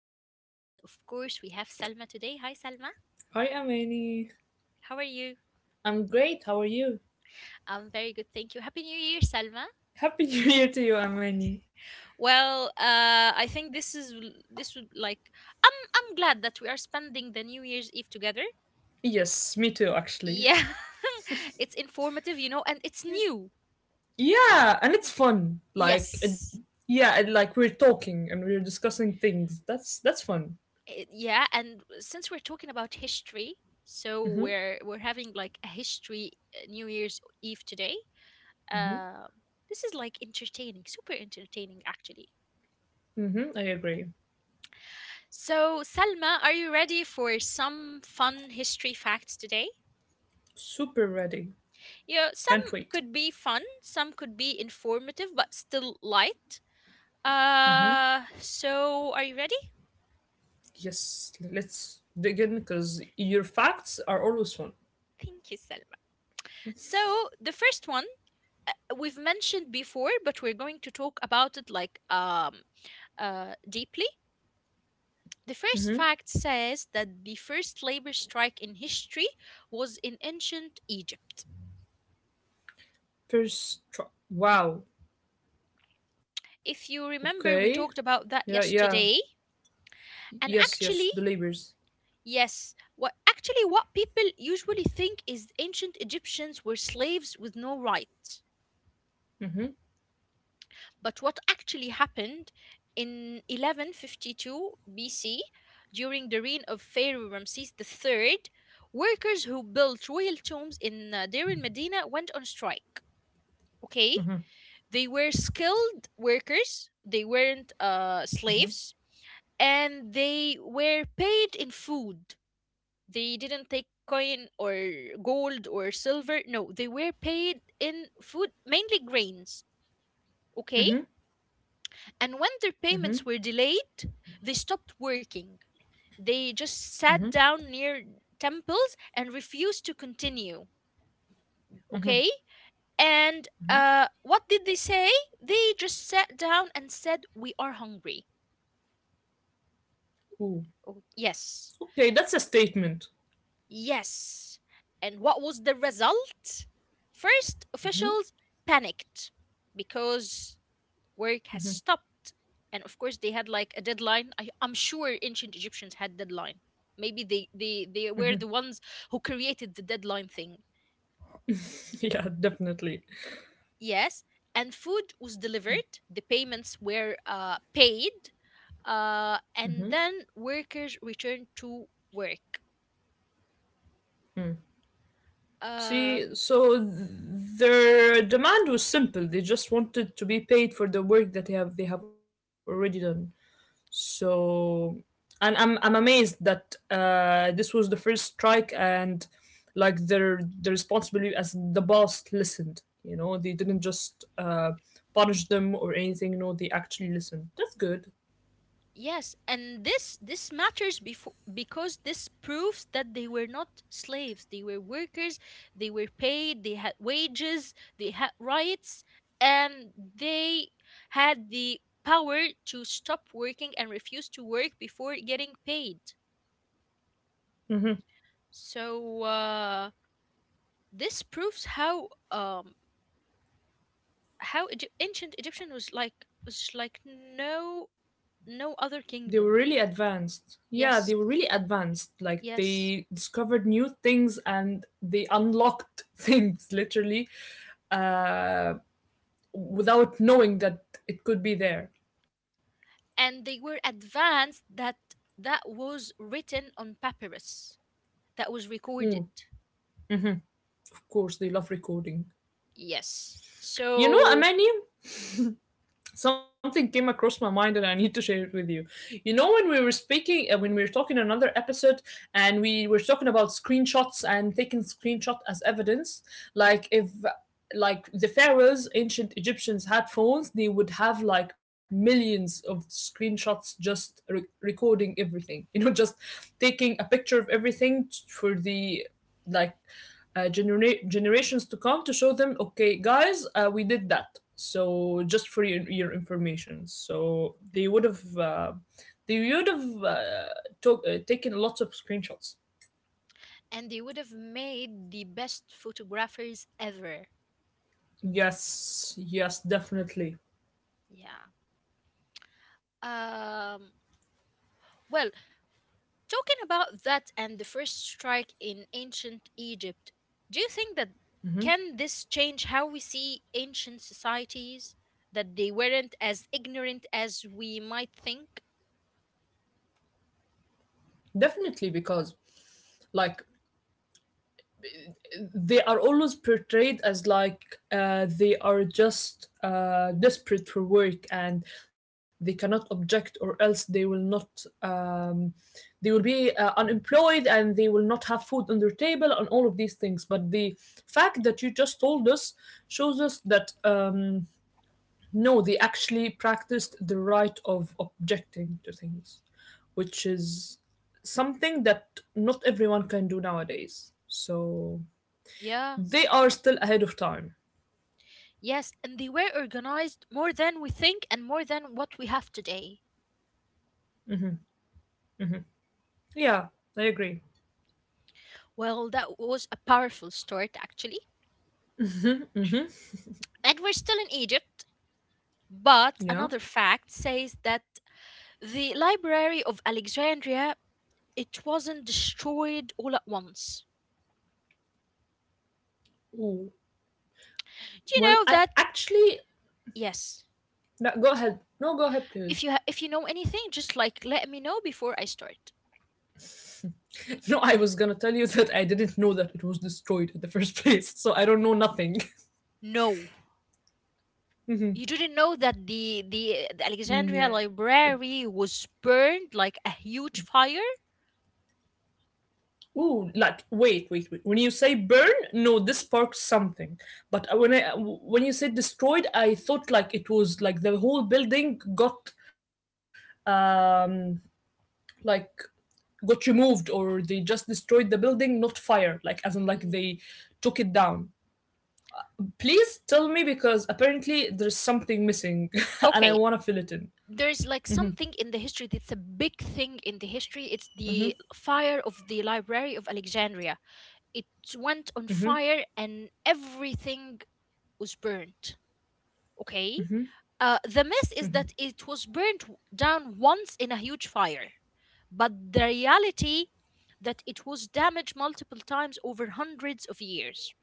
Amani, and of course, we have Salma today. Hi, Salma. Hi, Amani. How are you? I'm great. How are you? I'm very good, thank you. Happy New Year, Salma. Happy New Year to you, Amani. Well, I think this is this would like. I'm glad that we are spending the New Year's Eve together. Yes, me too, actually. Yeah, It's informative, and it's new. Yeah, and it's fun. Like, it, Yes. yeah, it, like we're talking and we're discussing things. That's fun. Eh, yeah. And since we're talking about history, so Mhm, we're having like a history New Year's Eve today. mhm, Uh, this is like entertaining, super entertaining, actually. mhm. I agree. So, Salma, are you ready for some fun history facts today? Super ready. You know, some Can't wait. could be fun, some could be informative, but still light. So are you ready? Yes, let's dig in because your facts are always fun. Thank you, Salma. So, the first one we've mentioned before, but we're going to talk about it like deeply. The first fact says that the first labor strike in history was in ancient Egypt. First try. Wow. If you Okay. remember, we talked Yeah. about that Yeah. yesterday. Yes. And Yes. The actually, labors. yes, what people usually think is ancient Egyptians were slaves with no rights. But what actually happened in 1152 BC, during the reign of Pharaoh Ramses the Third, workers who built royal tombs in Deir el Medina went on strike. Okay, they were skilled workers. They weren't slaves, and they were paid in food. They didn't take coin or gold or silver. No, they were paid in food, mainly grains. Okay? Mhm. And when Mhm. their payments were delayed, they stopped working. They just Mhm. sat down near temples and refused to continue. Okay? And what did they say? They just sat down and said, "We are hungry." Ooh. Oh, yes, Okay, that's a statement. yes. And what was the result? First, officials panicked because work has stopped. And of course, they had like a deadline. I'm sure ancient Egyptians had deadline. Maybe they were the ones who created the deadline thing. Yeah, definitely. Yes. And food was delivered, the payments were paid, and then workers returned to work. Uh, See, so their demand was simple. They just wanted to be paid for the work that they have already done. So, and I'm amazed that this was the first strike, and like the responsibility as the boss listened. You know, they didn't just punish them or anything. No, they actually listened. That's good. Yes, and this matters before because this proves that they were not slaves. They were workers. They were paid. They had wages. They had rights, and they had the power to stop working and refuse to work before getting paid. So this proves how how ancient Egyptian was like no other They were kingdom. really advanced, yeah, Yes, they were really advanced, like yes. they discovered new things and they unlocked things literally uh, without knowing that it could be there. And they were advanced that that was written on papyrus, that was recorded. Mm, mhm, of course they love recording. yes so Amani, something came across my mind, and I need to share it with you. You know, when we were talking in another episode, and we were talking about screenshots and taking screenshot as evidence. Like, if like the pharaohs, ancient Egyptians, had phones, they would have like millions of screenshots just recording everything, just taking a picture of everything for the like generations to come, to show them, okay, guys, we did that. So just for your information, so they would have took taken lots of screenshots. and they would have made the best photographers ever. Yes, yes, definitely, Yeah. Um well talking about that and the first strike in ancient Egypt, do you think that, can this change how we see ancient societies, that they weren't as ignorant as we might think? Because like they are always portrayed as like they are just desperate for work, and they cannot object, or else they will not they will be unemployed, and they will not have food on their table and all of these things. But the fact that you just told us shows us that no, they actually practiced the right of objecting to things, which is something that not everyone can do nowadays, so Yeah. they are still ahead of time. Yes, and they were organized more than we think and more than what we have today. Yeah, I agree. Well, that was a powerful start, actually. And we're still in Egypt, but Yeah. another fact says that the Library of Alexandria, it wasn't destroyed all at once. Ooh. Do you Well, know I that? actually. Yes. No, go ahead. No, go ahead, please. If you if you know anything, just like let me know before I start. No, I was gonna tell you that I didn't know that it was destroyed in the first place, so I don't know nothing. No. You didn't know that the Alexandria Yeah. Library was burned like a huge fire? Ooh, like wait, wait, wait. When you say burn, no, this sparks something. But when I when you said destroyed, I thought like it was like the whole building um like got removed, or they just destroyed the building, not fire, like as in like they Mm. took it down. Please tell me because apparently there's something missing, and I Okay, want to fill it in. there's like something in the history that's a big thing in the history. It's the fire of the Library of Alexandria. It went on fire and everything was burnt. Okay? The mess is that it was burnt down once in a huge fire, but the reality that it was damaged multiple times over hundreds of years.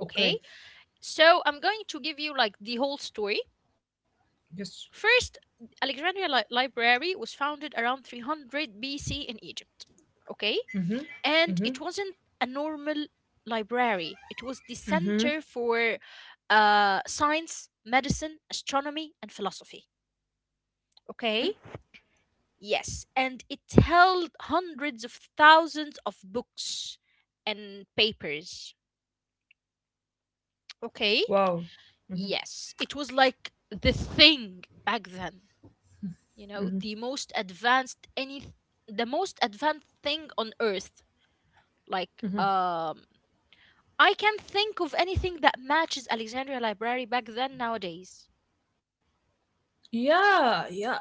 Okay? Oh, okay. So I'm going to give you like the whole story. Yes. First, Alexandria Library was founded around 300 BC in Egypt. Okay? And it wasn't a normal library, it was the center Mm-hmm. for science, medicine, astronomy, and philosophy. Okay? Mm-hmm. Yes. And it held hundreds of thousands of books and papers. Okay? Wow. Yes. Hmm. It was like the thing back then. You know, the most advanced any the most advanced thing on earth, like I can not think of anything that matches Alexandria Library back then nowadays. Yeah, yeah.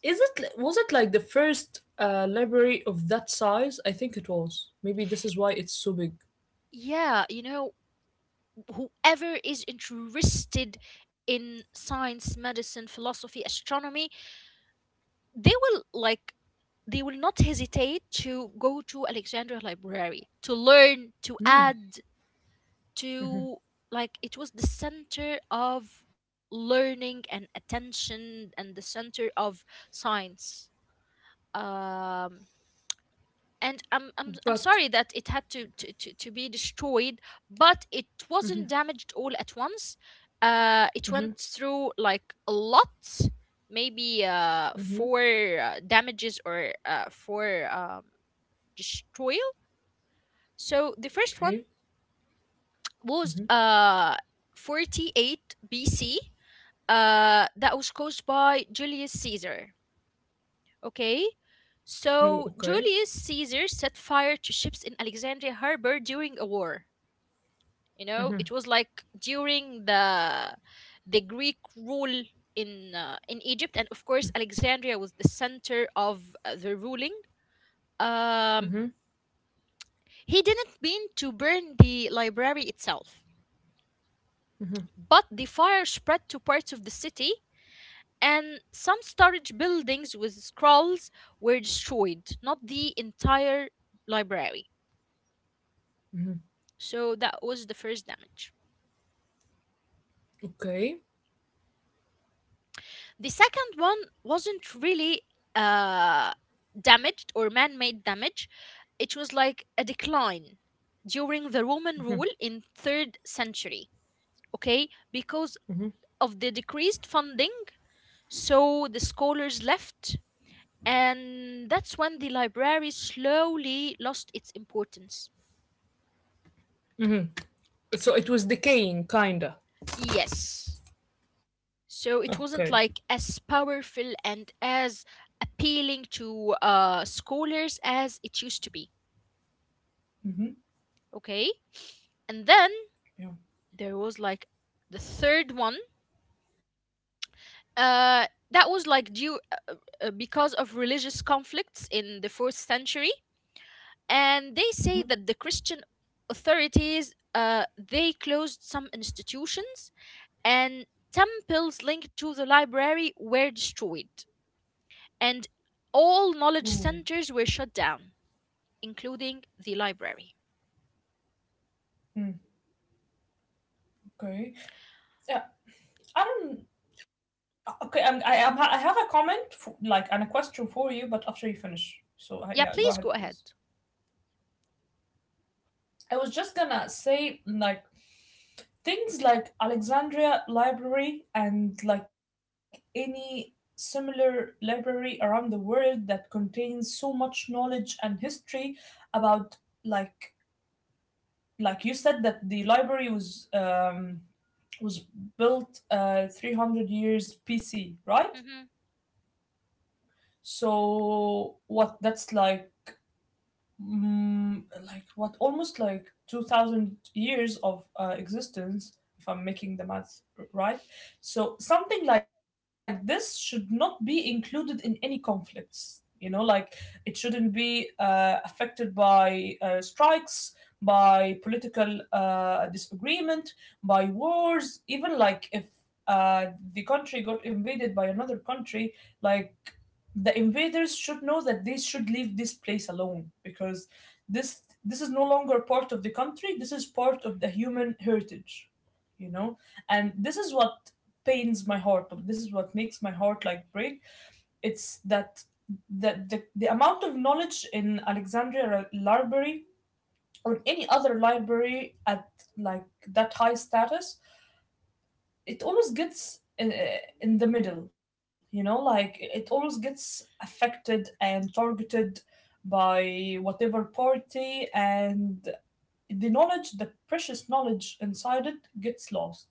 is it Was it like the first library of that size? I think it was, maybe this is why it's so big. Yeah. Whoever is interested in science, medicine, philosophy, astronomy, they will like they will not hesitate to go to Alexandria Library to learn, to add to, like it was the center of learning and attention and the center of science. Um and I'm, I'm I'm But sorry that it had to be destroyed, but it wasn't damaged all at once. It went through like a lot, maybe four damages or four destroyal. So the first one okay. was 48 BC that was caused by Julius Caesar. Okay, Oh, so okay. Julius Caesar set fire to ships in Alexandria harbor during a war. You know, it was like during the Greek rule in in Egypt, and of course Alexandria was the center of the ruling. Um, he didn't mean to burn the library itself, but the fire spread to parts of the city and some storage buildings with scrolls were destroyed, not the entire library. So that was the first damage. Okay, The second one wasn't really uh, damaged or man made damage, it was like a decline during the Roman rule in 3rd century, okay? Because of the decreased funding, so the scholars left and that's when the library slowly lost its importance. so it was decaying kinda. Yes. So Okay. it wasn't like as powerful and as appealing to scholars as it used to be. Okay. And then Yeah. there was like the third one. That was like due uh, because of religious conflicts in the fourth century, and they say that the Christian authorities they closed some institutions and temples linked to the library were destroyed and all knowledge Oh. centers were shut down, including the library. Okay. Yeah, I don't. Okay, I am. I have a comment, for, like, and a question for you, but after you finish. So Yeah, yeah, go please ahead, go ahead. please. I was just gonna say like things like Alexandria Library, and like any similar library around the world that contains so much knowledge and history about like like you said that the library was built 300 years PC, right? Hmm. So what, that's like like, what, almost like 2000 years of existence, if I'm making the math right. So something like this should not be included in any conflicts, like it shouldn't be affected by strikes, by political disagreement, by wars even, like if the country got invaded by another country. Like, the invaders should know that they should leave this place alone, because this is no longer part of the country, this is part of the human heritage, you know. And this is what pains my heart, but this is what makes my heart like break. It's that the amount of knowledge in Alexandria Library, or any other library at like that high status, it always gets in the middle, like it always gets affected and targeted by whatever party, and the knowledge, the precious knowledge inside it, gets lost.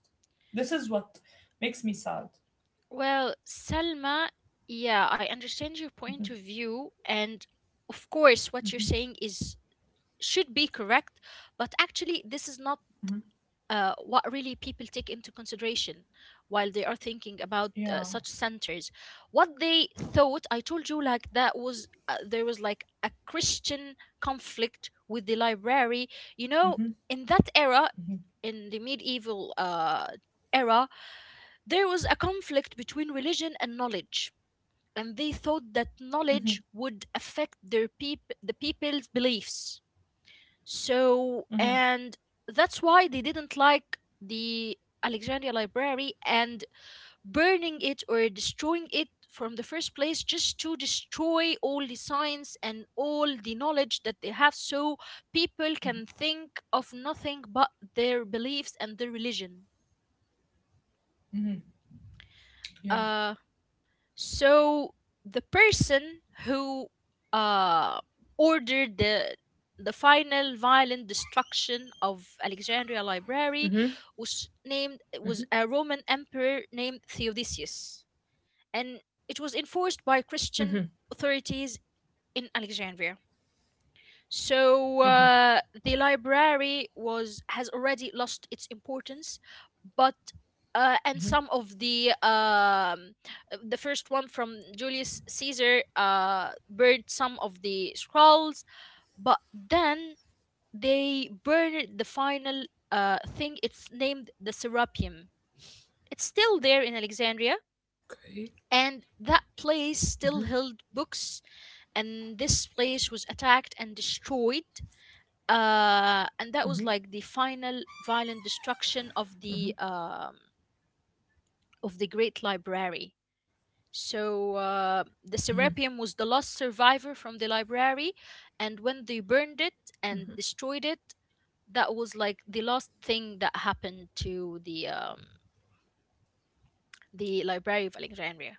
This is what makes me sad. Well, Selma, yeah, I understand your point Hmm. of view, and of course, what you're Hmm. saying is should be correct, but actually, this is not Hmm. What really people take into consideration while they are thinking about Yeah. such centers. What they thought, I told you like that was there was like a Christian conflict with the library, you know, Hmm. in that era, Hmm. in the medieval era. There was a conflict between religion and knowledge, and they thought that Hmm. knowledge would affect their the people's beliefs. So, Hmm. and that's why they didn't like the Alexandria Library, and burning it or destroying it from the first place just to destroy all the science and all the knowledge that they have so people can think of nothing but their beliefs and their religion. Hmm. Yeah. Uh So the person who uh, ordered the final violent destruction of Alexandria Library was a Roman emperor named Theodosius, and it was enforced by Christian authorities in Alexandria. So the library was has already lost its importance, but and some of the first one from Julius Caesar burned some of the scrolls, but then they burned the final thing. It's named the Serapeum. It's still there in Alexandria, Okay. and that place still held books. And this place was attacked and destroyed, and that was like the final violent destruction of the great library. So the Serapeum was the last survivor from the library, and when they burned it and destroyed it, that was like the last thing that happened to the Library of Alexandria.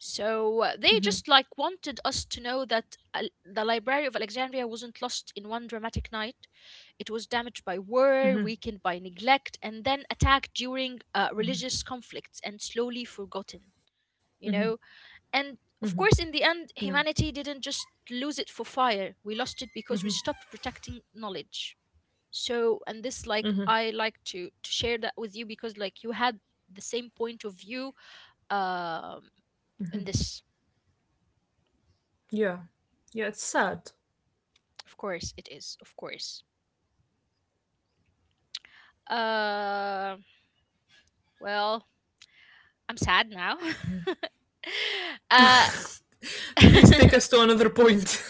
So they just like wanted us to know that the Library of Alexandria wasn't lost in one dramatic night. It was damaged by war, weakened by neglect, and then attacked during religious conflicts and slowly forgotten, you know? And of course, in the end, Yeah. humanity didn't just lose it for fire. We lost it because we Hmm. stopped protecting knowledge. So, and this, like, Hmm. I like to share that with you because, like, you had the same point of view um, in this. Yeah. Yeah, it's sad. Of course it is. Of course. Uh, well, I'm sad now. uh, Please take us to another point.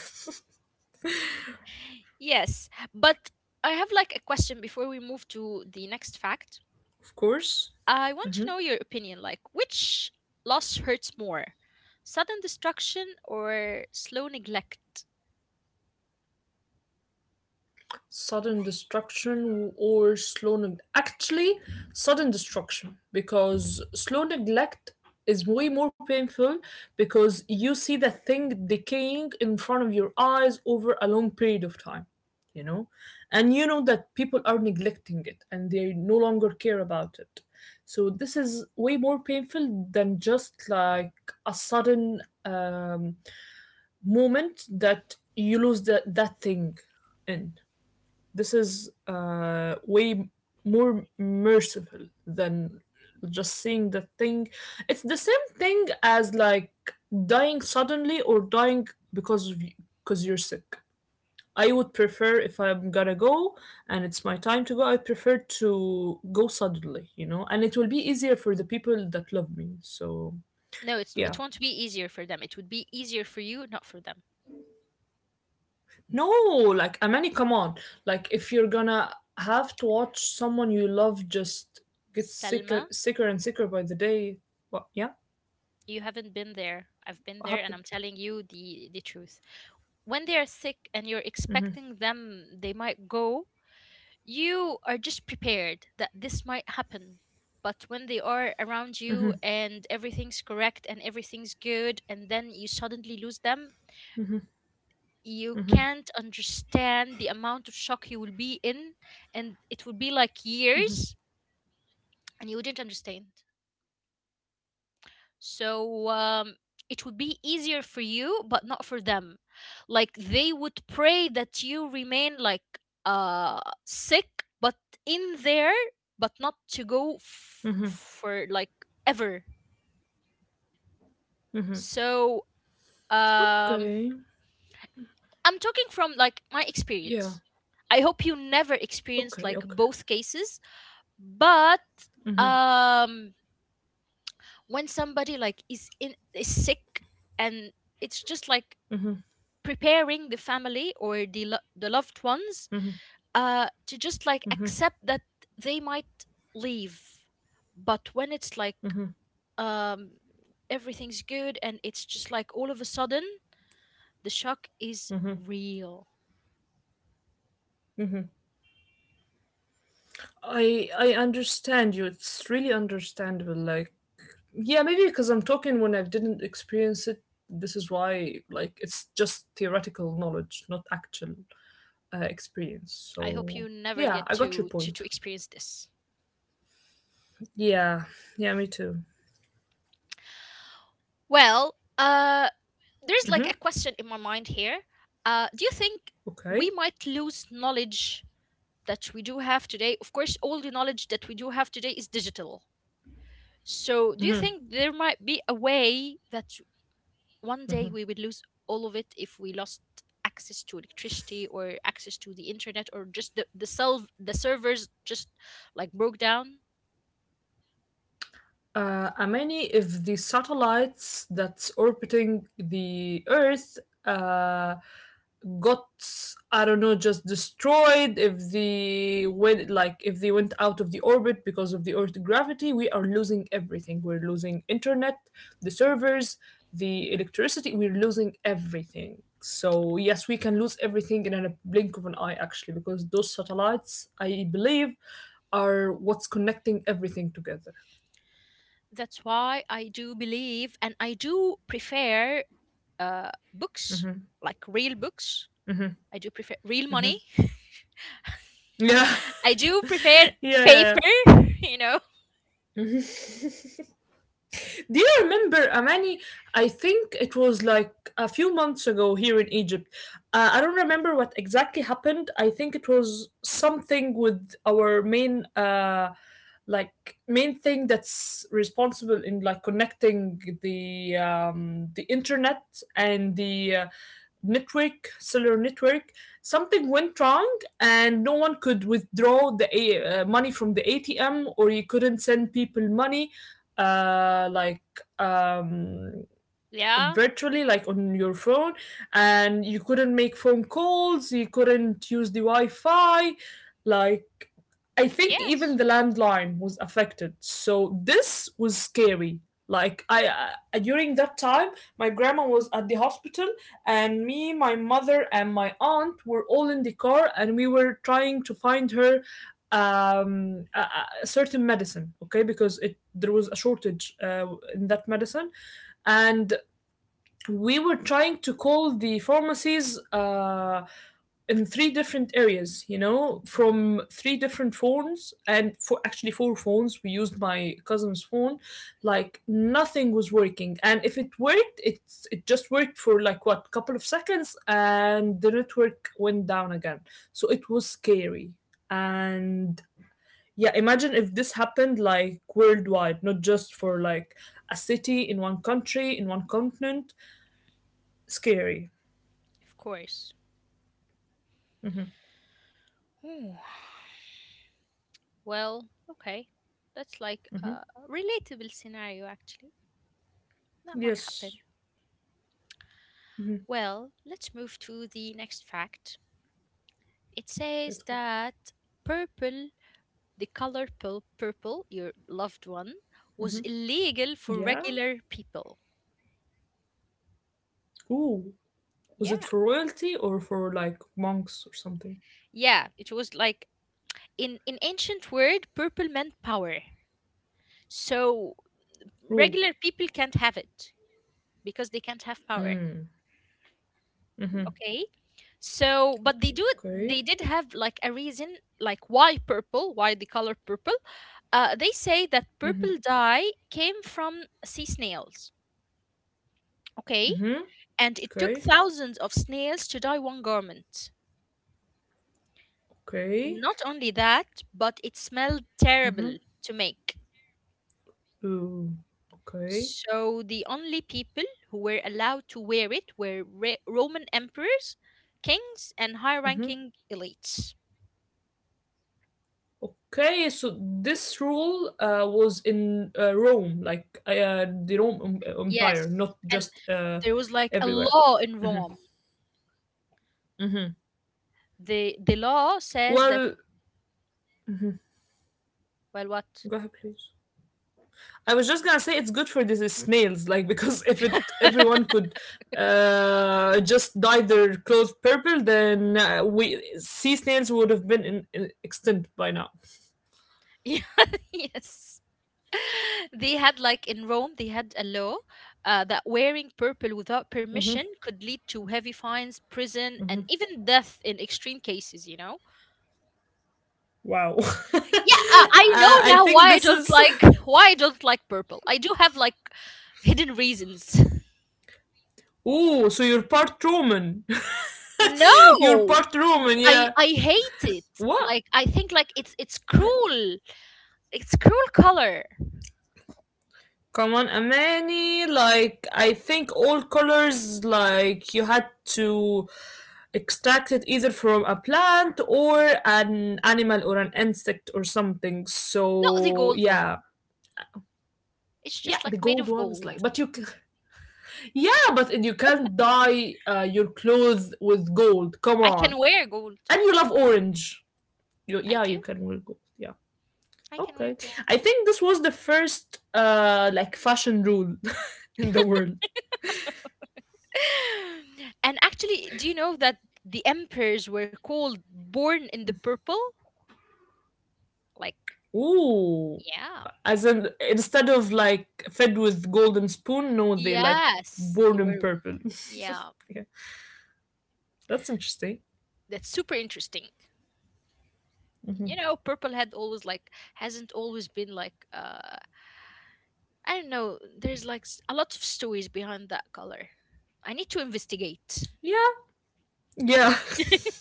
yes, but I have like a question before we move to the next fact. Of course. I want to know your opinion. Like, which loss hurts more, sudden destruction or slow neglect? Sudden destruction or slow actually, sudden destruction, because slow neglect is way more painful, because you see the thing decaying in front of your eyes over a long period of time, you know, and you know that people are neglecting it and they no longer care about it. So this is way more painful than just like a sudden moment that you lose that thing in. This is way more merciful than just seeing the thing. It's the same thing as like dying suddenly, or dying because you're sick. I would prefer, if I'm gonna go and it's my time to go, I prefer to go suddenly, and it will be easier for the people that love me. So No, it's yeah. it won't be easier for them. It would be easier for you, not for them. No, like, I mean, come on. Like, if you're gonna have to watch someone you love just get sicker, Selma, sicker and sicker by the day. What? Yeah. you haven't been there. I've been What there, and happened? I'm telling you the truth. When they are sick and you're expecting them, they might go. You are just prepared that this might happen. But when they are around you and everything's correct and everything's good, and then you suddenly lose them, you can't understand the amount of shock you will be in. And it would be like years, and you wouldn't understand. So it would be easier for you, but not for them. Like they would pray that you remain like sick, but in there, but not to go Mm-hmm. for like ever. Mm-hmm. So um, Okay. I'm talking from like my Yeah. experience. I hope you never experienced Okay. like Okay. both cases, but Mm-hmm. um, when somebody like is sick and it's just like preparing the family or the loved ones to just like accept that they might leave, but when it's like um everything's good and it's just like all of a sudden the shock is real. I understand you. It's really understandable. Like, yeah, maybe because I'm talking when I didn't experience it. This is why, like, it's just theoretical knowledge, not actual experience. I hope you So never get yeah, I to got your to, to point. experience this. Yeah, yeah, me too. Well, there's like a Hmm. question in my mind here. Do you think we Okay. might lose knowledge that we do have today? Of course, all the knowledge that we do have today is digital. So, do you think there might be a way that one day we would lose all of it if we lost access to electricity or access to the internet, or just the servers just like broke down? How many of the satellites that's orbiting the Earth uh, got, I don't know, just destroyed, if they went like if they went out of the orbit because of the Earth gravity, we are losing everything. We're losing internet, the servers, the electricity. We're losing everything. So yes, we can lose everything in a blink of an eye, actually, because those satellites, I believe, are what's connecting everything together. That's why I do believe and I do prefer books, like real books. I do prefer real money. Yeah, I do prefer yeah, yeah, paper, yeah. you know. Do you remember, Amani? I think it was like a few months ago here in Egypt. I don't remember what exactly happened. I think it was something with our main thing that's responsible in like connecting the internet, and the network, cellular network. Something went wrong, and no one could withdraw the money from the ATM, or you couldn't send people money, like, um, Yeah. virtually like on your phone, and you couldn't make phone calls, you couldn't use the wi-fi. Like, I think even Yes. the landline was affected, so this was scary. Like, I during that time my grandma was at the hospital, and me, my mother, and my aunt were all in the car, and we were trying to find her um a, a certain medicine, okay, because it there was a shortage in that medicine. And we were trying to call the pharmacies in three different areas, from three different phones, and for actually four phones. We used my cousin's phone. Like, nothing was working, and if it worked, it just worked for like what couple of seconds, and the network went down again. So it was scary, and yeah, imagine if this happened like worldwide, not just for like a city in one country in one continent. Scary. Of course. Ooh. Well, okay. That's like a relatable scenario, actually. That might Yes. happen. Well, let's move to the next fact. It says Let's go. that purple, the color purple, your loved one, was illegal for Yeah. regular people. Ooh. Was it Yeah. for royalty or for like monks or something? Yeah, it was like in ancient word, purple meant power. So Ooh. regular people can't have it because they can't have power. Mm-hmm. Okay, so but they do they Okay. did have like a reason, like why the color purple. They say that Mm-hmm. purple dye came from sea snails. Okay. Hmm. And it took Okay. thousands of snails to dye one garment. Okay. Not only that, but it smelled terrible to make. Ooh. Okay. So the only people who were allowed to wear it were Roman emperors, kings, and high Mm-hmm. ranking elites. Okay. So this rule was in Rome, like the Rome Yes. Empire, not And just there was like a everywhere. law in Rome. Mm-hmm. The law says that, Well, well, what? go ahead, please. I was just gonna say it's good for these snails, like, because if it everyone could just dye their clothes purple, then we sea snails would have been in extinct by now. Yeah, yes. They had like in Rome they had a law that wearing purple without permission could lead to heavy fines, prison, and even death in extreme cases, you know. Wow, uh, Yeah, I know I now think why I this don't is. like why I don't like purple. I do have like hidden reasons. Oh, so you're part Roman. You're No, part Roman, I yeah. I hate it. What? Like I think like it's What? cruel. It's cruel color. Come on, Amani. Like, I think all colors, like, you had to extracted either from a plant, or an animal, or an insect, or something. Not the So gold one. yeah. It's Yeah, just like the made gold of one is gold. like, but yeah, but you can't dye your clothes with gold. Come I on, can wear gold. and you love orange. You, I yeah, you do. can wear gold. Yeah, I can wear okay. gold. I think this was the first like fashion rule in the world. And actually, do you know that the emperors were called born in the purple? Like, Ooh, yeah. as in, instead of like fed with golden spoon, no, they like Yes, they born in were. purple. Yeah. Yeah. That's interesting. That's super interesting. You know, purple had always like hasn't always been like, I don't know, there's a lot of stories behind that color. I need to investigate. Yeah. Yeah. Let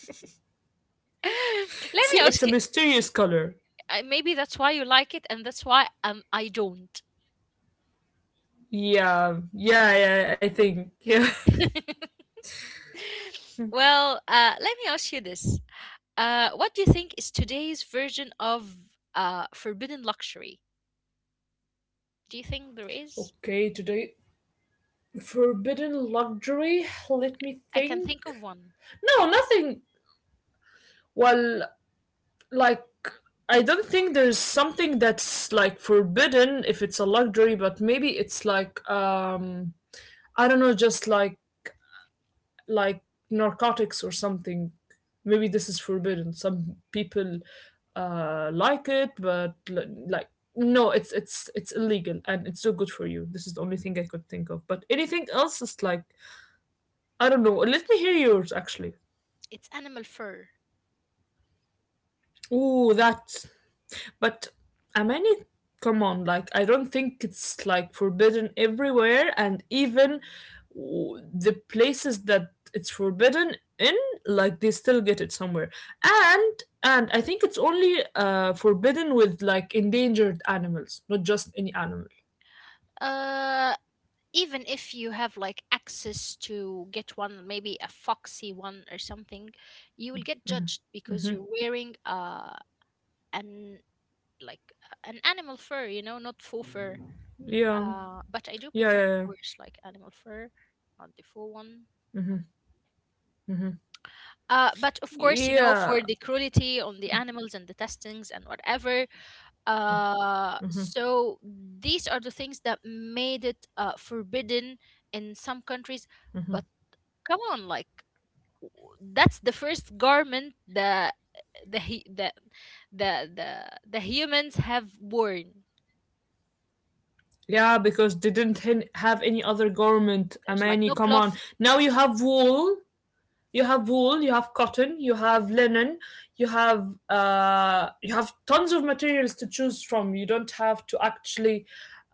me See, ask it's a you, mysterious color. Maybe that's why you like it, and that's why I don't. Yeah. Yeah, yeah, I think. Yeah. Well, let me ask you this. What do you think is today's version of forbidden luxury? Do you think there is? Okay, today forbidden luxury. Let me I can think. think of one. No, nothing. Well, like I don't think there's something that's like forbidden if it's a luxury, but maybe it's like I don't know, just like like narcotics or something. Maybe this is forbidden. Some people like it, but like no, it's illegal and it's not good for you. This is the only thing I could think of. But anything else is like I don't know. Let me hear yours actually. It's animal fur. Ooh, that. But I, Amani, come on, like I don't think it's like forbidden everywhere, and even the places that it's forbidden in, like they still get it somewhere. And and I think it's only forbidden with like endangered animals, not just any animal. uh Even if you have like access to get one, maybe a foxy one or something, you will get judged because you're wearing an an animal fur, you know, not faux fur. Yeah, But I do yeah, prefer, yeah, of yeah. course, like animal fur, not the faux one. But of course, you know, for Yeah. the cruelty on the animals and the testings and whatever. So these are the things that made it forbidden in some countries, but come on, like, that's the first garment that the he the the the humans have worn. Yeah, because they didn't have any other government. There's like Amani, no come on. cloth. Now you have wool, you have cotton, you have linen, you have tons of materials to choose from. You don't have to actually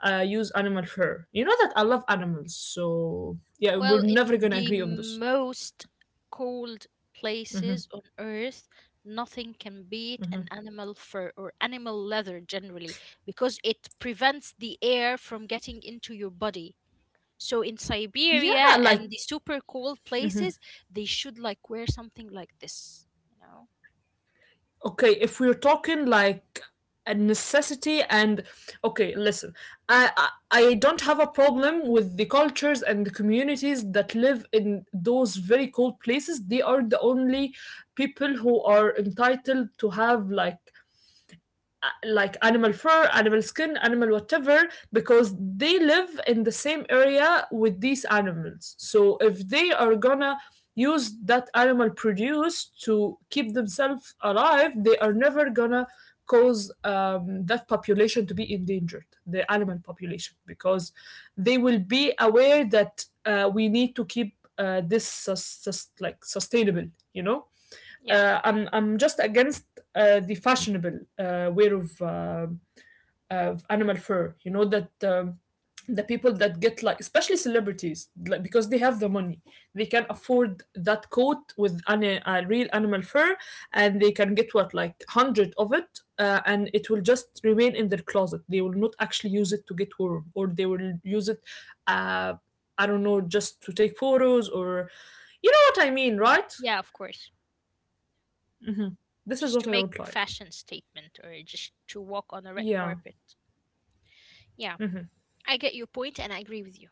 use animal fur. You know that I love animals, so yeah, we're Well, never in gonna the agree on this. most cold places on earth, nothing can beat an animal fur or animal leather generally, because it prevents the air from getting into your body. So in Yeah, Siberia like and the super cold places, they should like wear something like this, you know? okay, if we're talking like a necessity and okay, listen, I don't have a problem with the cultures and the communities that live in those very cold places. They are the only people who are entitled to have like animal fur, animal skin, animal whatever, because they live in the same area with these animals. So if they are gonna use that animal produce to keep themselves alive, they are never gonna cause that population to be endangered, the animal population, because they will be aware that we need to keep this like sustainable, you know. Yeah. I'm just against the fashionable wear of animal fur. You know that the people that get like, especially celebrities, like, because they have the money, they can afford that coat with an, a real animal fur, and they can get what like hundred of it, and it will just remain in their closet. They will not actually use it to get warm, or they will use it, uh, I don't know, just to take photos or. You know what I mean, right? Yeah, of course. This is Just what to I make don't like. fashion statement or just to walk on a red Yeah. carpet. Yeah, Hmm. I get your point and I agree with you.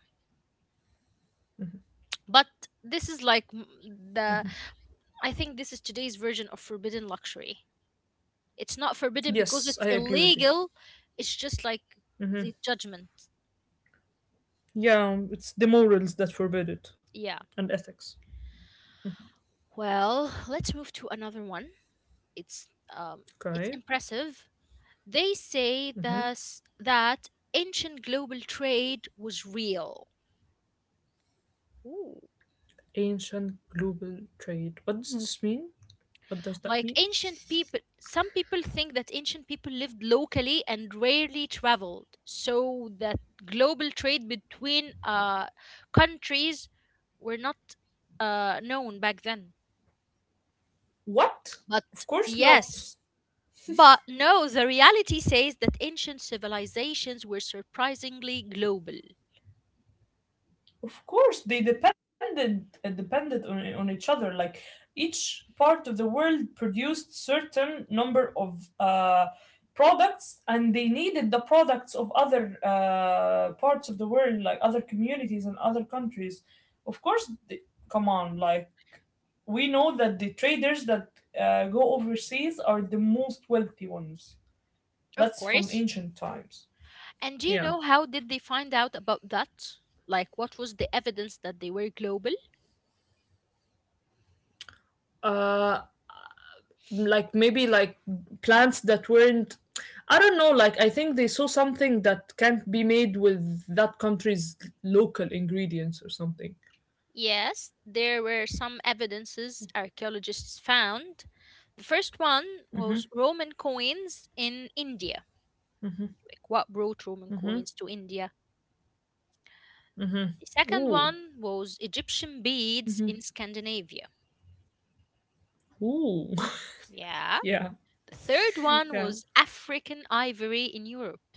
But this is like m- the I think this is today's version of forbidden luxury. It's not forbidden because Yes, I it's agree with you. illegal. It's just like the judgment. Yeah, it's the morals that forbid it Yeah. and ethics. Well, let's move to another one. It's um it's Okay. impressive. They say thus that ancient global trade was real. Ooh. Ancient global trade. What does this mean? What does that Like mean? ancient people, some people think that ancient people lived locally and rarely traveled, so that global trade between countries were not known back then. What? Of But course not. yes, no, the reality says that ancient civilizations were surprisingly global. Of course, they depended, depended on each other. Like each part of the world produced certain number of products, and they needed the products of other parts of the world, like other communities and other countries. Of course, they, come on, like we know that the traders that go overseas are the most wealthy ones. Of That's from course. ancient times. And do you Yeah. know how did they find out about that? Like, what was the evidence that they were global? Uh, like maybe like plants that weren't I don't know, like I think they saw something that can't be made with that country's local ingredients or something. Yes, there were some evidences archaeologists found. The first one was Roman coins in India. Like what brought Roman Mhm. coins to India? Mhm. The Ooh. second one was Egyptian beads in Scandinavia. Ooh. Yeah. yeah. The third one Yeah. was African ivory in Europe.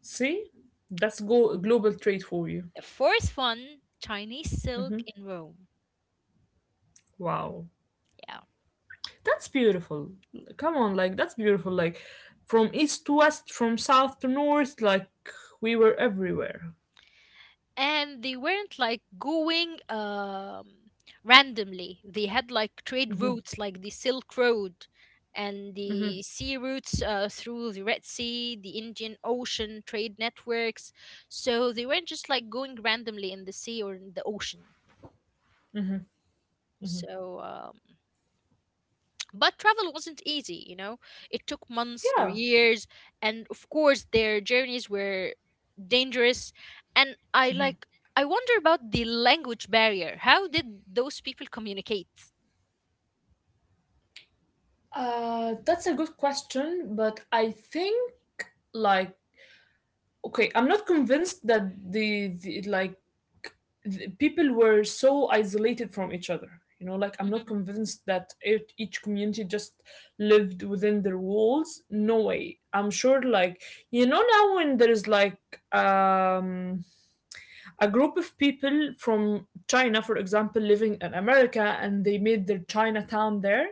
See? That's global trade for you. The fourth one, Chinese silk Mhm. in Rome. Wow. Yeah. That's beautiful. Come on, like that's beautiful, like from east to west, from south to north, like we were everywhere. And they weren't like going randomly. They had like trade routes, like the Silk Road and the sea routes through the Red Sea, the Indian Ocean trade networks. So they weren't just like going randomly in the sea or in the ocean. So but travel wasn't easy, you know? It took months or Yeah. years, and of course, their journeys were dangerous. And I like, I wonder about the language barrier. How did those people communicate? That's a good question, but I think like okay, I'm not convinced that the like the people were so isolated from each other. You know, like I'm Hmm. not convinced that it, each community just lived within their walls. No way. I'm sure, like you know, now when there's like um a group of people from China, for example, living in America, and they made their Chinatown there.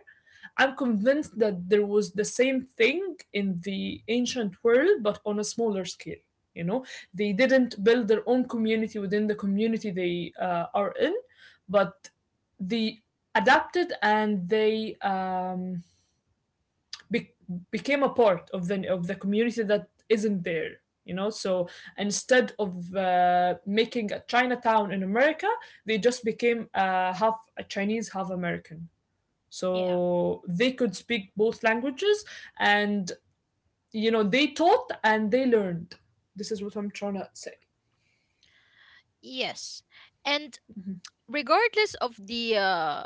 I'm convinced that there was the same thing in the ancient world, but on a smaller scale. You know, they didn't build their own community within the community they are in, but they adapted and they be- became a part of the community that isn't there, you know. So instead of making a Chinatown in America, they just became half a Chinese, half American, Yeah. so they could speak both languages, and you know they taught and they learned. This is what I'm trying to say. Yes, and regardless of the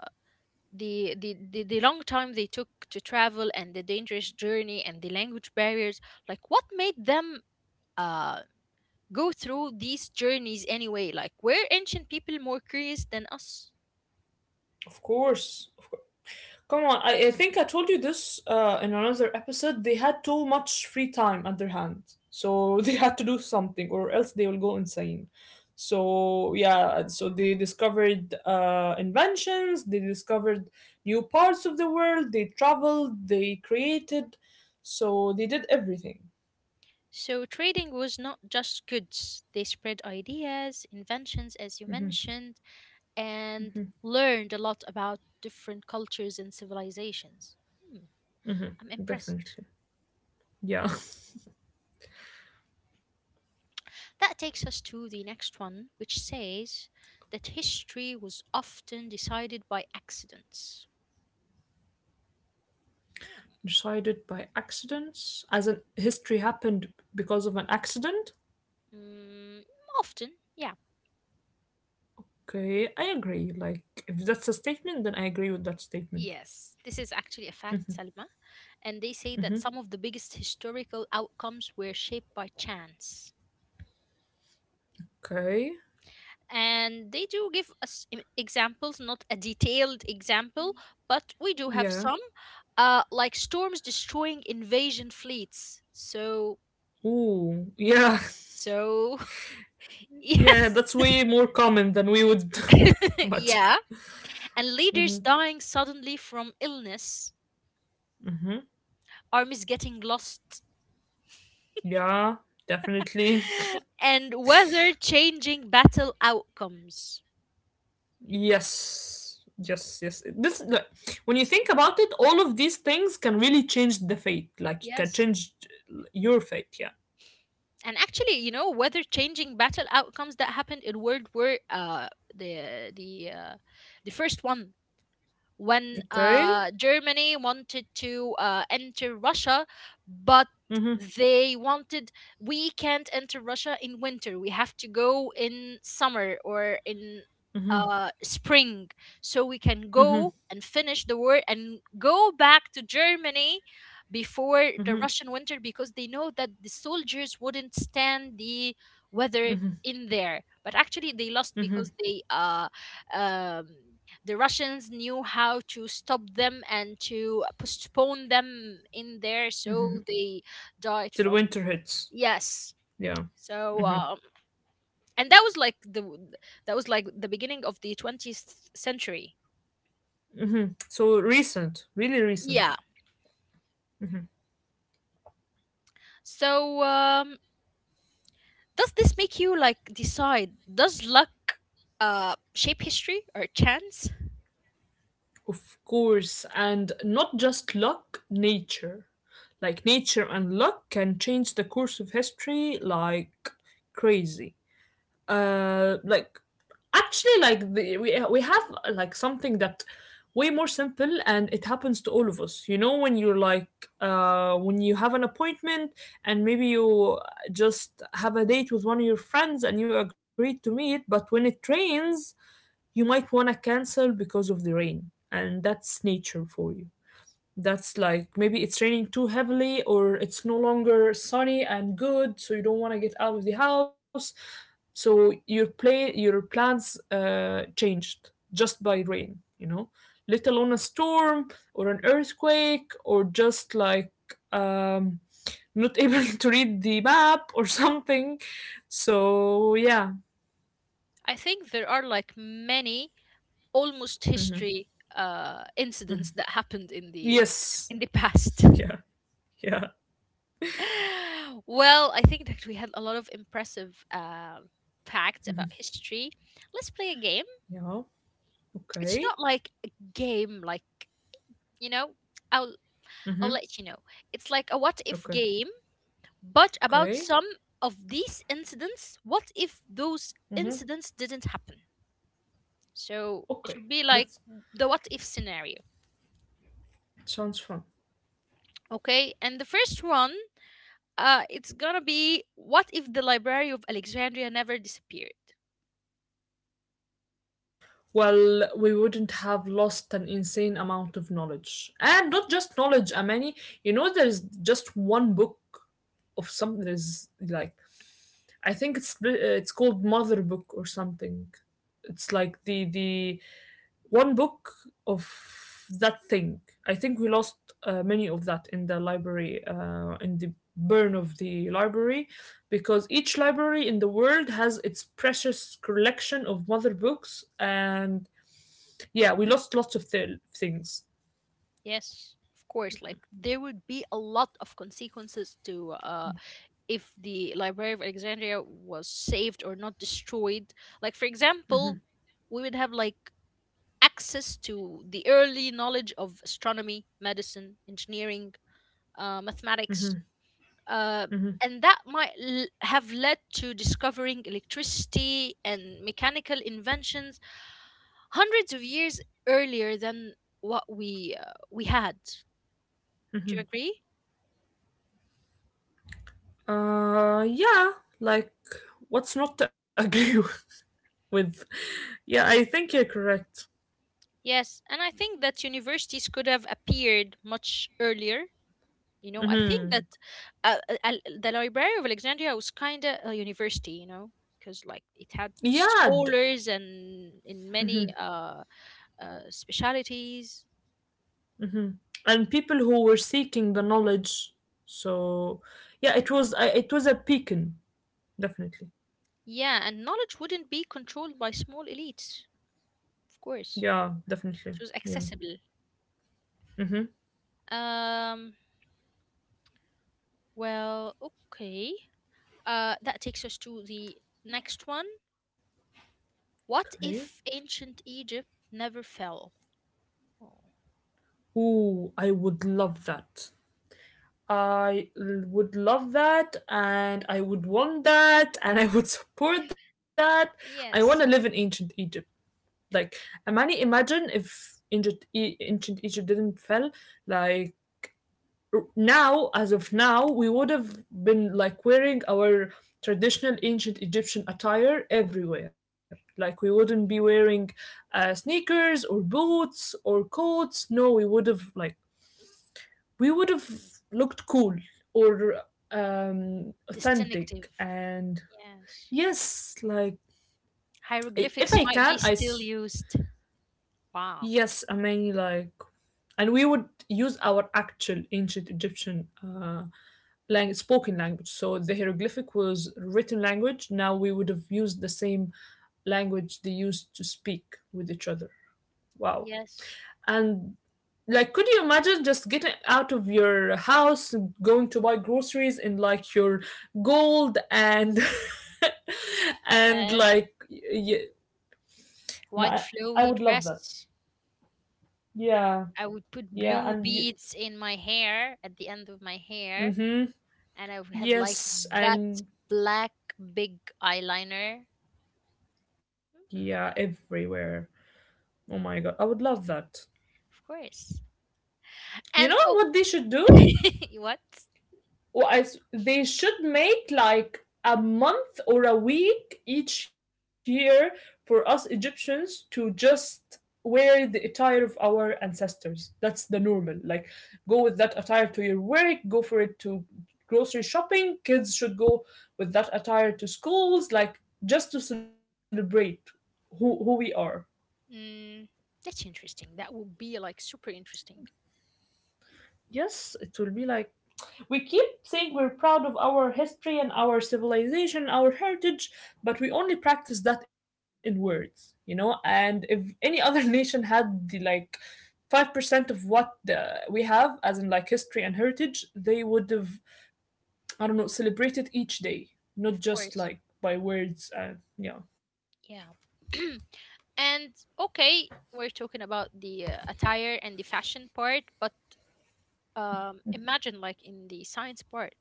the long time they took to travel and the dangerous journey and the language barriers, like what made them uh go through these journeys anyway? Like, were ancient people more curious than us? Of course of come on. I think I told you this in another episode. They had too much free time at their hands, so they had to do something, or else they will go insane. So yeah, so they discovered inventions. They discovered new parts of the world. They traveled. They created. So they did everything. So, trading was not just goods, they spread ideas, inventions, as you mentioned, and learned a lot about different cultures and civilizations. Hmm, I'm impressed. Definitely, yeah. That takes us to the next one, which says that history was often decided by accidents. Decided by accidents, as in history happened because of an accident. Mm, often, yeah. Okay, I agree. Like, if that's a statement, then I agree with that statement. Yes, this is actually a fact, Salma. And they say that Mhm. some of the biggest historical outcomes were shaped by chance. Okay, And they do give us examples, not a detailed example, but we do have yeah. some, like storms destroying invasion fleets. So, Ooh, yeah, so, yeah, yes, that's way more common than we would imagine. yeah. And Hmm. leaders dying suddenly from illness, Hmm. armies getting lost, Yeah, definitely. and weather changing battle outcomes. Yes, yes, yes. This, like, when you think about it, all of these things can really change the fate. Like, you can Yes. change your fate, yeah. And actually, you know, whether changing battle outcomes that happened in World War the the uh, the first one, when Okay. Germany wanted to enter Russia, but Mm-hmm, they wanted we can't enter Russia in winter. We have to go in summer or in mm-hmm, spring, so we can mm-hmm, go and finish the war and go back to Germany before the mm-hmm. Russian winter, because they know that the soldiers wouldn't stand the weather in there. But actually, they lost because they um, the Russians knew how to stop them and to postpone them in there, so they died Till from, winter hits. yes. Yeah. So Mm-hmm. And that was like the beginning of the 20th century. So recent, really recent, Yeah. So does this make you like decide? Does luck shape history or chance? of course, and not just luck, nature. Like nature and luck can change the course of history like crazy. Like actually, like the, we have like something that way more simple, and it happens to all of us, you know, when you're like when you have an appointment, and maybe you just have a date with one of your friends and you agreed to meet, but when it rains you might want to cancel because of the rain, and that's nature for you. That's like maybe it's raining too heavily or it's no longer sunny and good, so you don't want to get out of the house, so your play your plans changed just by rain, you know, let alone a storm or an earthquake or just like um, not able to read the map or something, so yeah. I think there are like many almost Mhm. history incidents that happened Yes. in the past. Yeah. Yeah. Well, I think that we had a lot of impressive facts about history. Let's play a game. Yeah. Okay. It's not like a game, like, you know. I'll I'll Hmm. let you know. It's like a what if Okay. game, but about Okay. some of these incidents. What if those incidents didn't happen? So Okay. it would be That like the what if scenario. sounds fun. Okay, and the first one, it's gonna be what if the Library of Alexandria never disappeared? Well, we wouldn't have lost an insane amount of knowledge, and not just knowledge. I mean, you know, there's just one book of something. There's like I think it's called Mother Book or something. It's like the one book of that thing. I think we lost many of that in the library, in the burn of the library, because each library in the world has its precious collection of mother books, and yeah, we lost lots of things. Yes, of course. Like there would be a lot of consequences to if the Library of Alexandria was saved or not destroyed. Like for example, we would have like access to the early knowledge of astronomy, medicine, engineering, mathematics, Hmm. uh, Hmm. and that might have led to discovering electricity and mechanical inventions hundreds of years earlier than what we had. Do you agree? Yeah, like what's not to agree with? Yeah, I think you're correct. Yes, and I think that universities could have appeared much earlier. You know, I think that Hmm. The Library of Alexandria was kind of a university, you know, because like it had Yeah, d- scholars and in many specialities. hmm, and people who were seeking the knowledge, so yeah, it was it was a beacon, definitely. Yeah, and knowledge wouldn't be controlled by small elites, of course. Yeah, definitely. It was Yeah. accessible. Um, well, okay. That takes us to the next one. What Okay. if ancient Egypt never fell? Oh, Ooh, I would love that. I would love that, and I would want that and I would support that. I want yes, to live in ancient Egypt. Like, Amani, imagine if ancient Egypt didn't fell. Like, now as of now we would have been like wearing our traditional ancient Egyptian attire everywhere. Like, we wouldn't be wearing sneakers or boots or coats. No, we would have like we would have looked cool or authentic distinctive. and Yes. yes, like if Hieroglyphics I might can be I still used. Wow. yes, I mean like, and we would use our actual ancient Egyptian spoken language. So the hieroglyphic was written language. Now we would have used the same language they used to speak with each other. Wow. Yes, And like, could you imagine just getting out of your house, going to buy groceries in like your gold and and yes. like, yeah, White I flowy would love that. dress. Yeah, I would put yeah, blue and you, beads in my hair at the end of my hair, mm-hmm. and I would have like Yes, that and black big eyeliner. yeah, Mm, everywhere. Oh my god, I would love that. of course. You know And oh, what they should do? what? Well, they should make like a month or a week each year for us Egyptians to just wear the attire of our ancestors. That's the normal. Like, go with that attire to your work, go for it to grocery shopping. Kids should go with that attire to schools, like, just to celebrate who we are. Mm, that's interesting. That would be like super interesting. Yes, it will be like we keep saying we're proud of our history and our civilization, our heritage, but we only practice that in words, you know? And if any other nation had the like 5% of what the, we have, as in like history and heritage, they would have, I don't know, celebrated each day, not Of just course. like by words and yeah. Yeah. and okay, we're talking about the attire and the fashion part, but imagine like in the science part,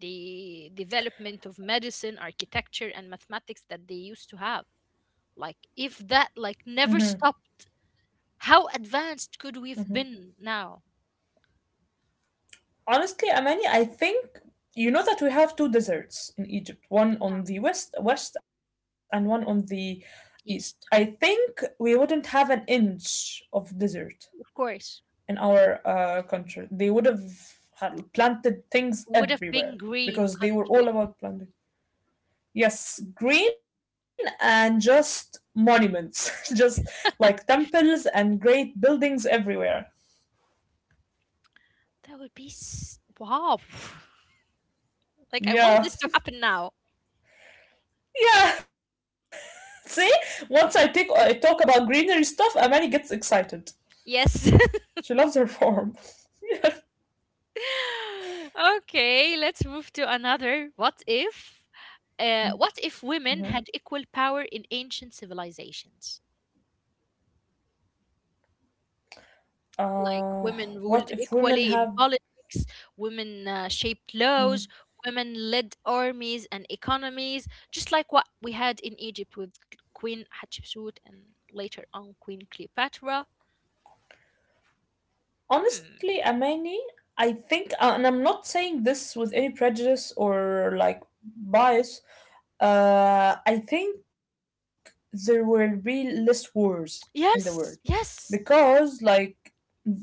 the development of medicine, architecture, and mathematics that they used to have. Like if that like never stopped, how advanced could we've been now? Honestly, Amani, I think you know that we have two deserts in Egypt, one Yeah, on the west and one on the east. I east, think we wouldn't have an inch of desert of course, in our country. They would have had planted things would have everywhere been green because they were all country. about planting. Yes, green and just monuments, just like temples and great buildings everywhere. That would be s- Wow. Like I want Yeah. this to happen now. Yeah. See, once I talk about greenery stuff, Amani gets excited. Yes. She loves her farm. Yeah. Okay, let's move to another. What if? What if women had equal power in ancient civilizations? Like uh, women what ruled if women equally in have? politics, women shaped laws, Mm. women led armies and economies, just like what we had in Egypt with Queen Hatshepsut and later on Queen Cleopatra. Hmm. Honestly, Amani, I think, and I'm not saying this with any prejudice or like bias. I think there will be less wars in the world Yes, yes, because, like,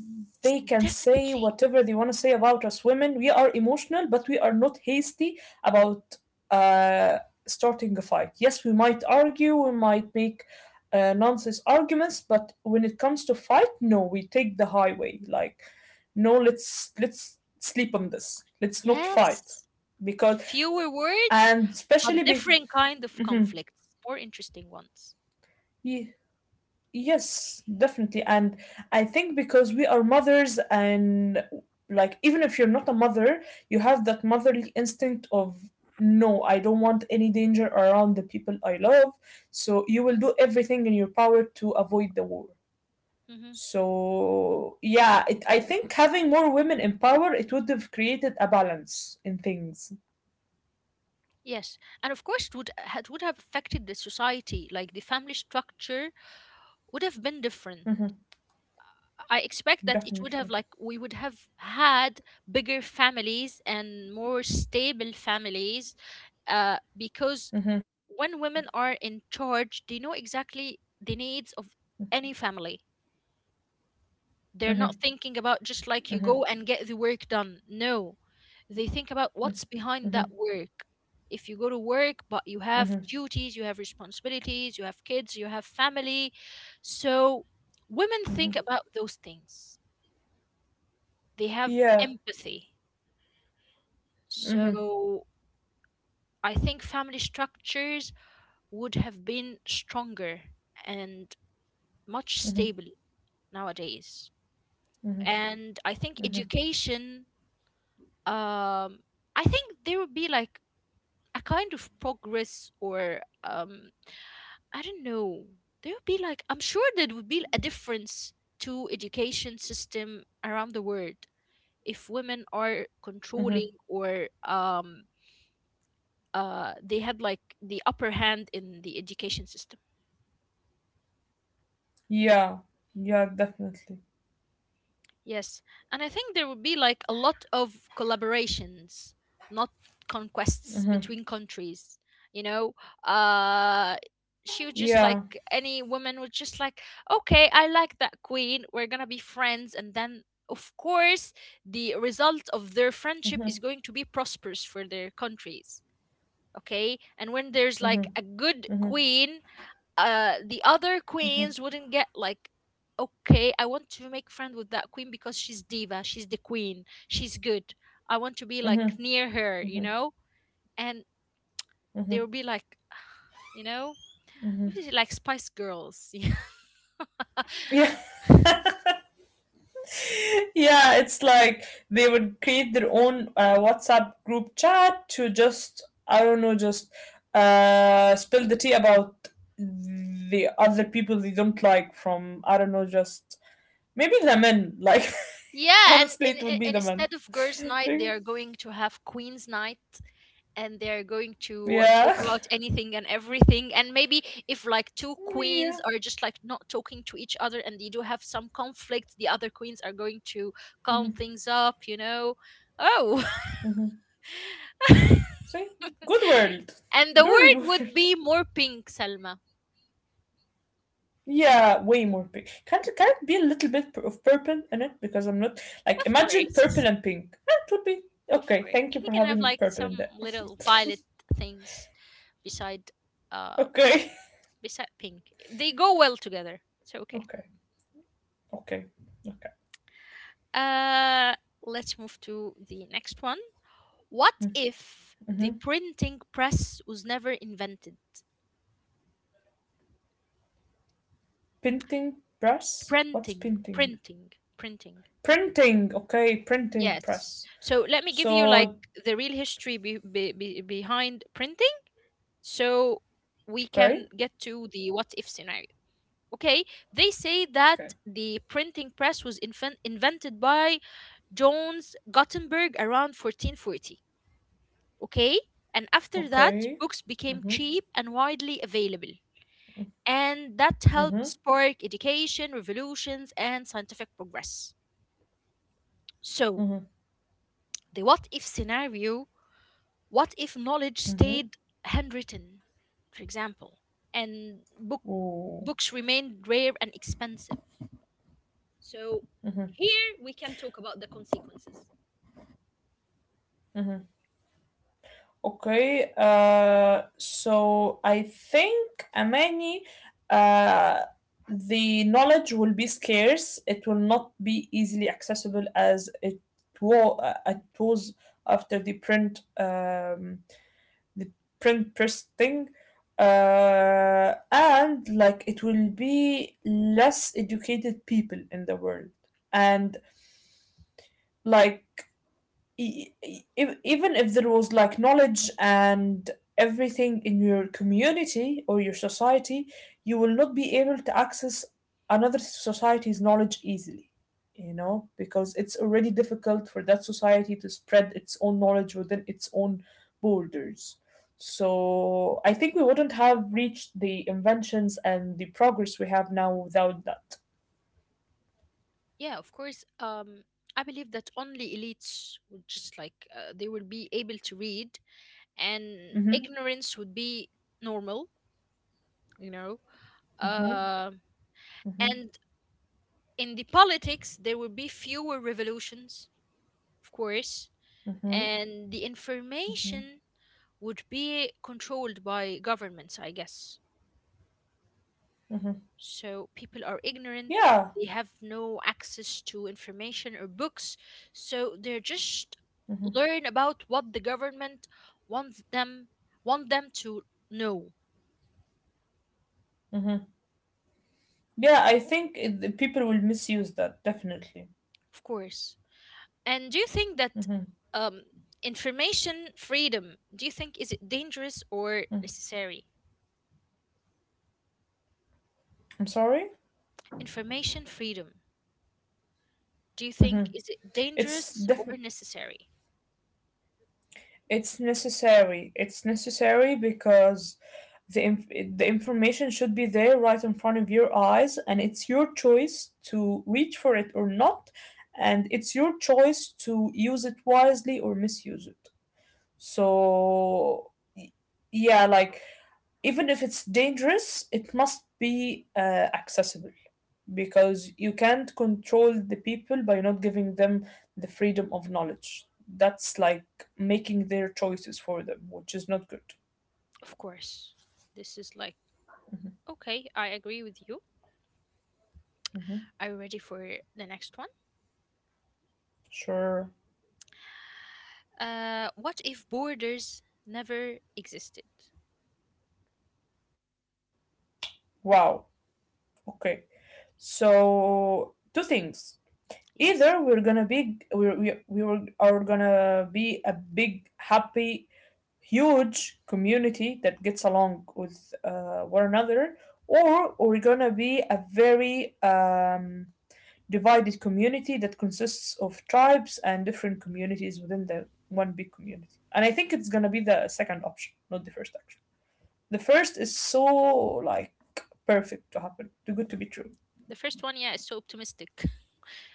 they can say definitely. whatever they want to say about us women. We are emotional, but we are not hasty about uh, starting a fight. Yes, we might argue, we might make nonsense arguments, but when it comes to fight, no, we take the highway. Like, no, let's sleep on this. Let's not fight Yes. because, Fewer words, and but especially be. different kind of Mhm. conflicts, more interesting ones. Ye- yes, definitely. And I think because we are mothers, and like, even if you're not a mother, you have that motherly instinct of no, I don't want any danger around the people I love. So you will do everything in your power to avoid the war. Hmm. So yeah, I think having more women in power, it would have created a balance in things. Yes, and of course, it would have affected the society. Like the family structure would have been different. hmm I expect that it would have definitely. like we would have had bigger families and more stable families because hmm when women are in charge, they know exactly the needs of any family. They're hmm not thinking about just like you hmm go and get the work done. No, they think about what's behind that hmm work. If you go to work, but you have hmm duties, you have responsibilities, you have kids, you have family. So women think about those things. They have Yeah. empathy. hmm So I think family structures would have been stronger and much hmm stable nowadays. And I think education, um, I think there would be like a kind of progress or I don't know. There would be like, I'm sure there would be a difference to education system around the world if women are controlling hmm or they had like the upper hand in the education system. Yeah. Yeah, definitely. Yes, and I think there would be like a lot of collaborations, not conquests Mhm. between countries. You know, uh, she would just Yeah. like any woman would just like, okay, I like that queen. We're gonna be friends, and then of course the result of their friendship is Mhm. going to be prosperous for their countries. Okay, and when there's like a Mhm. good Mhm. queen the other Mhm. queens wouldn't get like, okay, I want to make friend with that queen because she's diva, she's the queen, she's good. I want to be like Mhm. near her, you Mhm. know, and they Mhm. will be like you know, Mhm. this is like Spice Girls. Yeah. Yeah. Yeah, it's like they would create their own WhatsApp group chat to just I don't know, just spill the tea about the other people they don't like from I don't know, just maybe the men. Like Yeah, and, honestly, it and, would and be and the men. instead of girls' night, they Because — are going to have queens' night, and they're going to talk Yeah. about anything and everything. And maybe if like two queens are just like not talking to each other, and they do have some conflict, the other queens are going to calm things up. You know, oh. Yeah. See, good world, And the good word would world. be more pink, Selma. Yeah, way more pink. Can't be a little bit of purple in it because I'm not like Of imagine purple course, and pink. That would be of okay. course, Thank you we for can have having like purple in some there. little violet things beside. um Okay, Beside pink. They go well together. So okay. okay, okay, okay. Uh, let's move to the next one. What if the printing press was never invented? Printing press. What's Printing, printing? printing, printing. Printing. Okay, printing Yes. press. So let me give you like So the real history behind printing so we okay, can get to the what if scenario. Okay, they say okay, that the printing press was invented by Jones Gutenberg around 1440. Okay? And after that, okay. books became Mhm, cheap and widely available. And that helped mhm, spark education, revolutions, and scientific progress. So, mhm, the what if scenario, what if knowledge mhm. stayed handwritten, for example, and Ooh, books remained rare and expensive? So, here we can talk about the consequences. mhm. Okay, so I think, Amani, uh, the knowledge will be scarce. It will not be easily accessible as it was after the the print press thing. And like it will be less educated people in the world. And like even if there was like knowledge and everything in your community or your society, you will not be able to access another society's knowledge easily, you know, because it's already difficult for that society to spread its own knowledge within its own borders. So I think we wouldn't have reached the inventions and the progress we have now without that. Yeah, of course. I believe that only elites would just like they will be able to read, and hmm ignorance would be normal, you know. hmm Uh, hmm and in the politics, there will be fewer revolutions, of course, and the information would be controlled by governments, I guess. So people are ignorant, Yeah. they have no access to information or books, so they're just learn about what the government wants them want them to know, Yeah, I think the people will misuse that definitely. of course. And do you think that um, information freedom, do you think is it dangerous or necessary? I'm sorry. Information freedom, do you think is it It's dangerous or def- necessary? it's necessary. It's necessary because the inf- the information should be there right in front of your eyes, and it's your choice to reach for it or not, and it's your choice to use it wisely or misuse it. So yeah, like even if it's dangerous, it must be accessible because you can't control the people by not giving them the freedom of knowledge. That's like making their choices for them, which is not good. Of course. This is like, okay, I agree with you. Mhm. Are you ready for the next one? Sure. What if borders never existed? Wow. Okay. So two things. Either we're Yes. gonna be we were- are gonna be a big happy huge community that gets along with one another, or we're gonna be a very divided community that consists of tribes and different communities within the one big community. And I think it's gonna be the second option, not the first option. The first is so like perfect to happen, too good to be true. The first one, yeah, is so optimistic.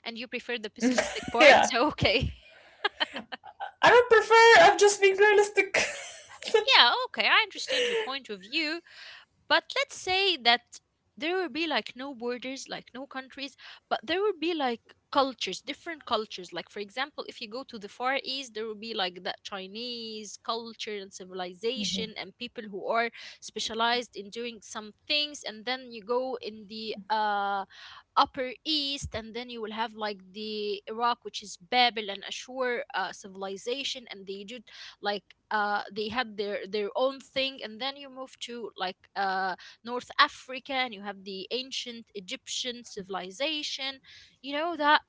And you prefer the pessimistic part, Yeah, so okay. I don't prefer. I'm just being realistic. Yeah, okay, I understand your point of view. But let's say that there will be like no borders, like no countries, but there will be like cultures, different cultures. Like, for example, if you go to the Far East, there will be like that Chinese culture and civilization and people who are specialized in doing some things. And then you go in the Upper East, and then you will have like the Iraq, which is Babel and Ashur civilization, and they do like they had their own thing. And then you move to like North Africa and you have the ancient Egyptian civilization, you know that.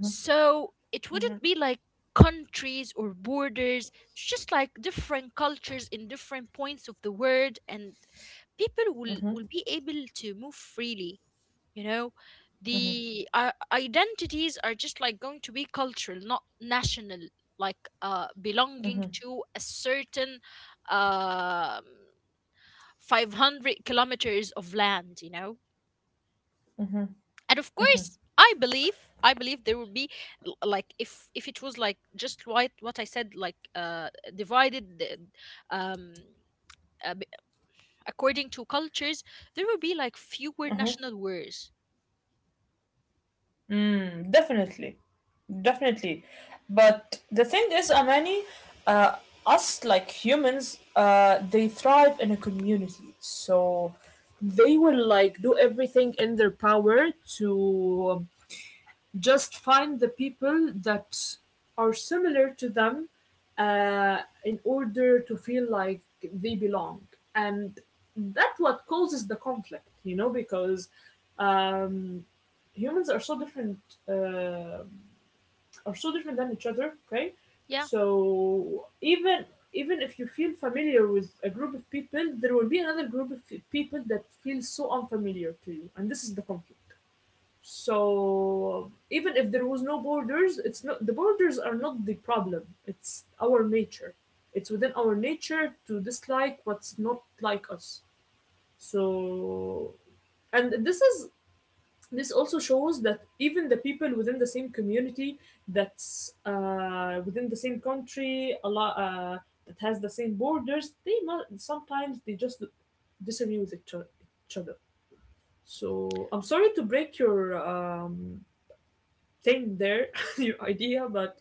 So it wouldn't be like countries or borders, it's just like different cultures in different points of the world, and people will be able to move freely, you know, the identities are just like going to be cultural, not national, like belonging to a certain um 500 kilometers of land, you know. And of course I believe there would be if it was like just what I said, like divided the- um uh, b- according to cultures, there would be like fewer national wars. Mm, definitely, definitely. But the thing is, Amani, uh, us like humans, they thrive in a community. So they will like do everything in their power to just find the people that are similar to them in order to feel like they belong, and that's what causes the conflict, you know, because um, humans are so different, uh, are so different than each other. Okay, Yeah, so even if you feel familiar with a group of people, there will be another group of people that feels so unfamiliar to you, and this is the conflict. So even if there was no borders, it's not the borders are not the problem. It's our nature. It's within our nature to dislike what's not like us. So, and this is this also shows that even the people within the same community, that's within the same country, a lot that has the same borders, they sometimes they just disagree with each other. So I'm sorry to break your thing there, your idea, but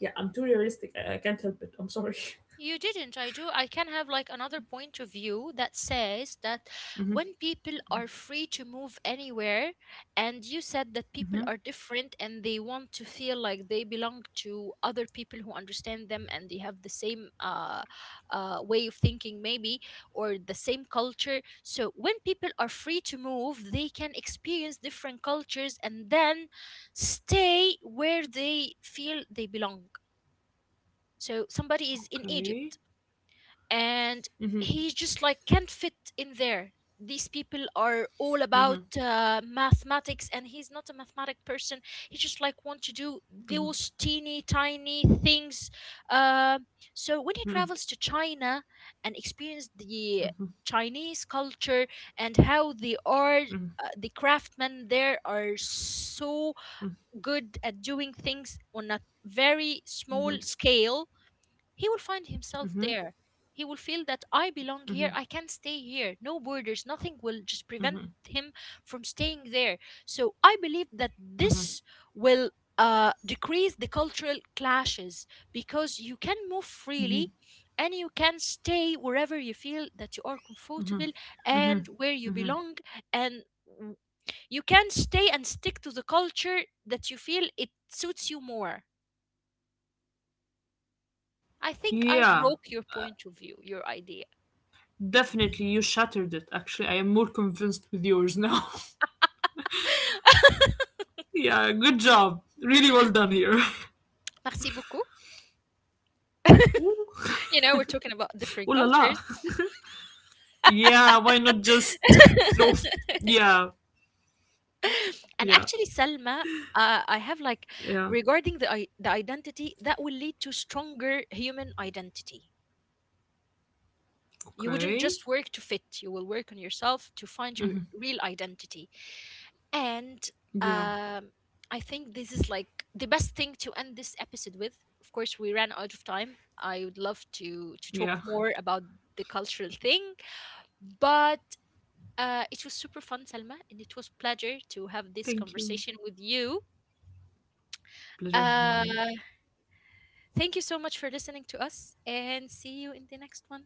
yeah, I'm too realistic. I can't help it. I'm sorry. you didn't. I do. I can have like another point of view that says that Mhm, when people are free to move anywhere, and you said that people mhm. are different and they want to feel like they belong to other people who understand them and they have the same way of thinking, maybe, or the same culture. So when people are free to move, they can experience different cultures and then stay where they feel they belong. So somebody is in Okay. Egypt and Mhm, he just like can't fit in there, these people are all about mhm, mathematics and he's not a mathematic person, he just like want to do those teeny tiny things, uh, so when he mhm, travels to China and experience the mhm, Chinese culture and how they are, mhm, the craftsmen there are so good at doing things on a very mhm, small mhm, scale. He will find mhm, himself mhm, there. He will feel that I belong here, I can stay here. No borders, nothing will just prevent mhm, him from staying there. So I believe that mhm, this will decrease the cultural clashes because you can move mhm, freely and you can stay wherever you feel that you are comfortable and where you mhm. belong, and w- you can stay and stick to the culture that you feel it suits you more. I think I Yeah, broke your point of view, your idea. definitely. You shattered it. Actually, I am more convinced with yours now. Yeah, good job. Really well done here. Merci beaucoup. Ooh. You know, we're talking about different Ooh la la. cultures. Yeah, why not just throw? And Yeah, yeah, Actually, Selma, I have like yeah. regarding the identity that will lead to stronger human identity. You wouldn't Okay. just work to fit. You will work on yourself to find your real identity. And Yeah, um, I think this is like the best thing to end this episode with. Of course, we ran out of time. I would love to talk yeah. more about the cultural thing, but uh, it was super fun, Selma, and it was pleasure to have this Thank you. conversation with you. Pleasure's Uh, mine. thank you so much for listening to us, and see you in the next one.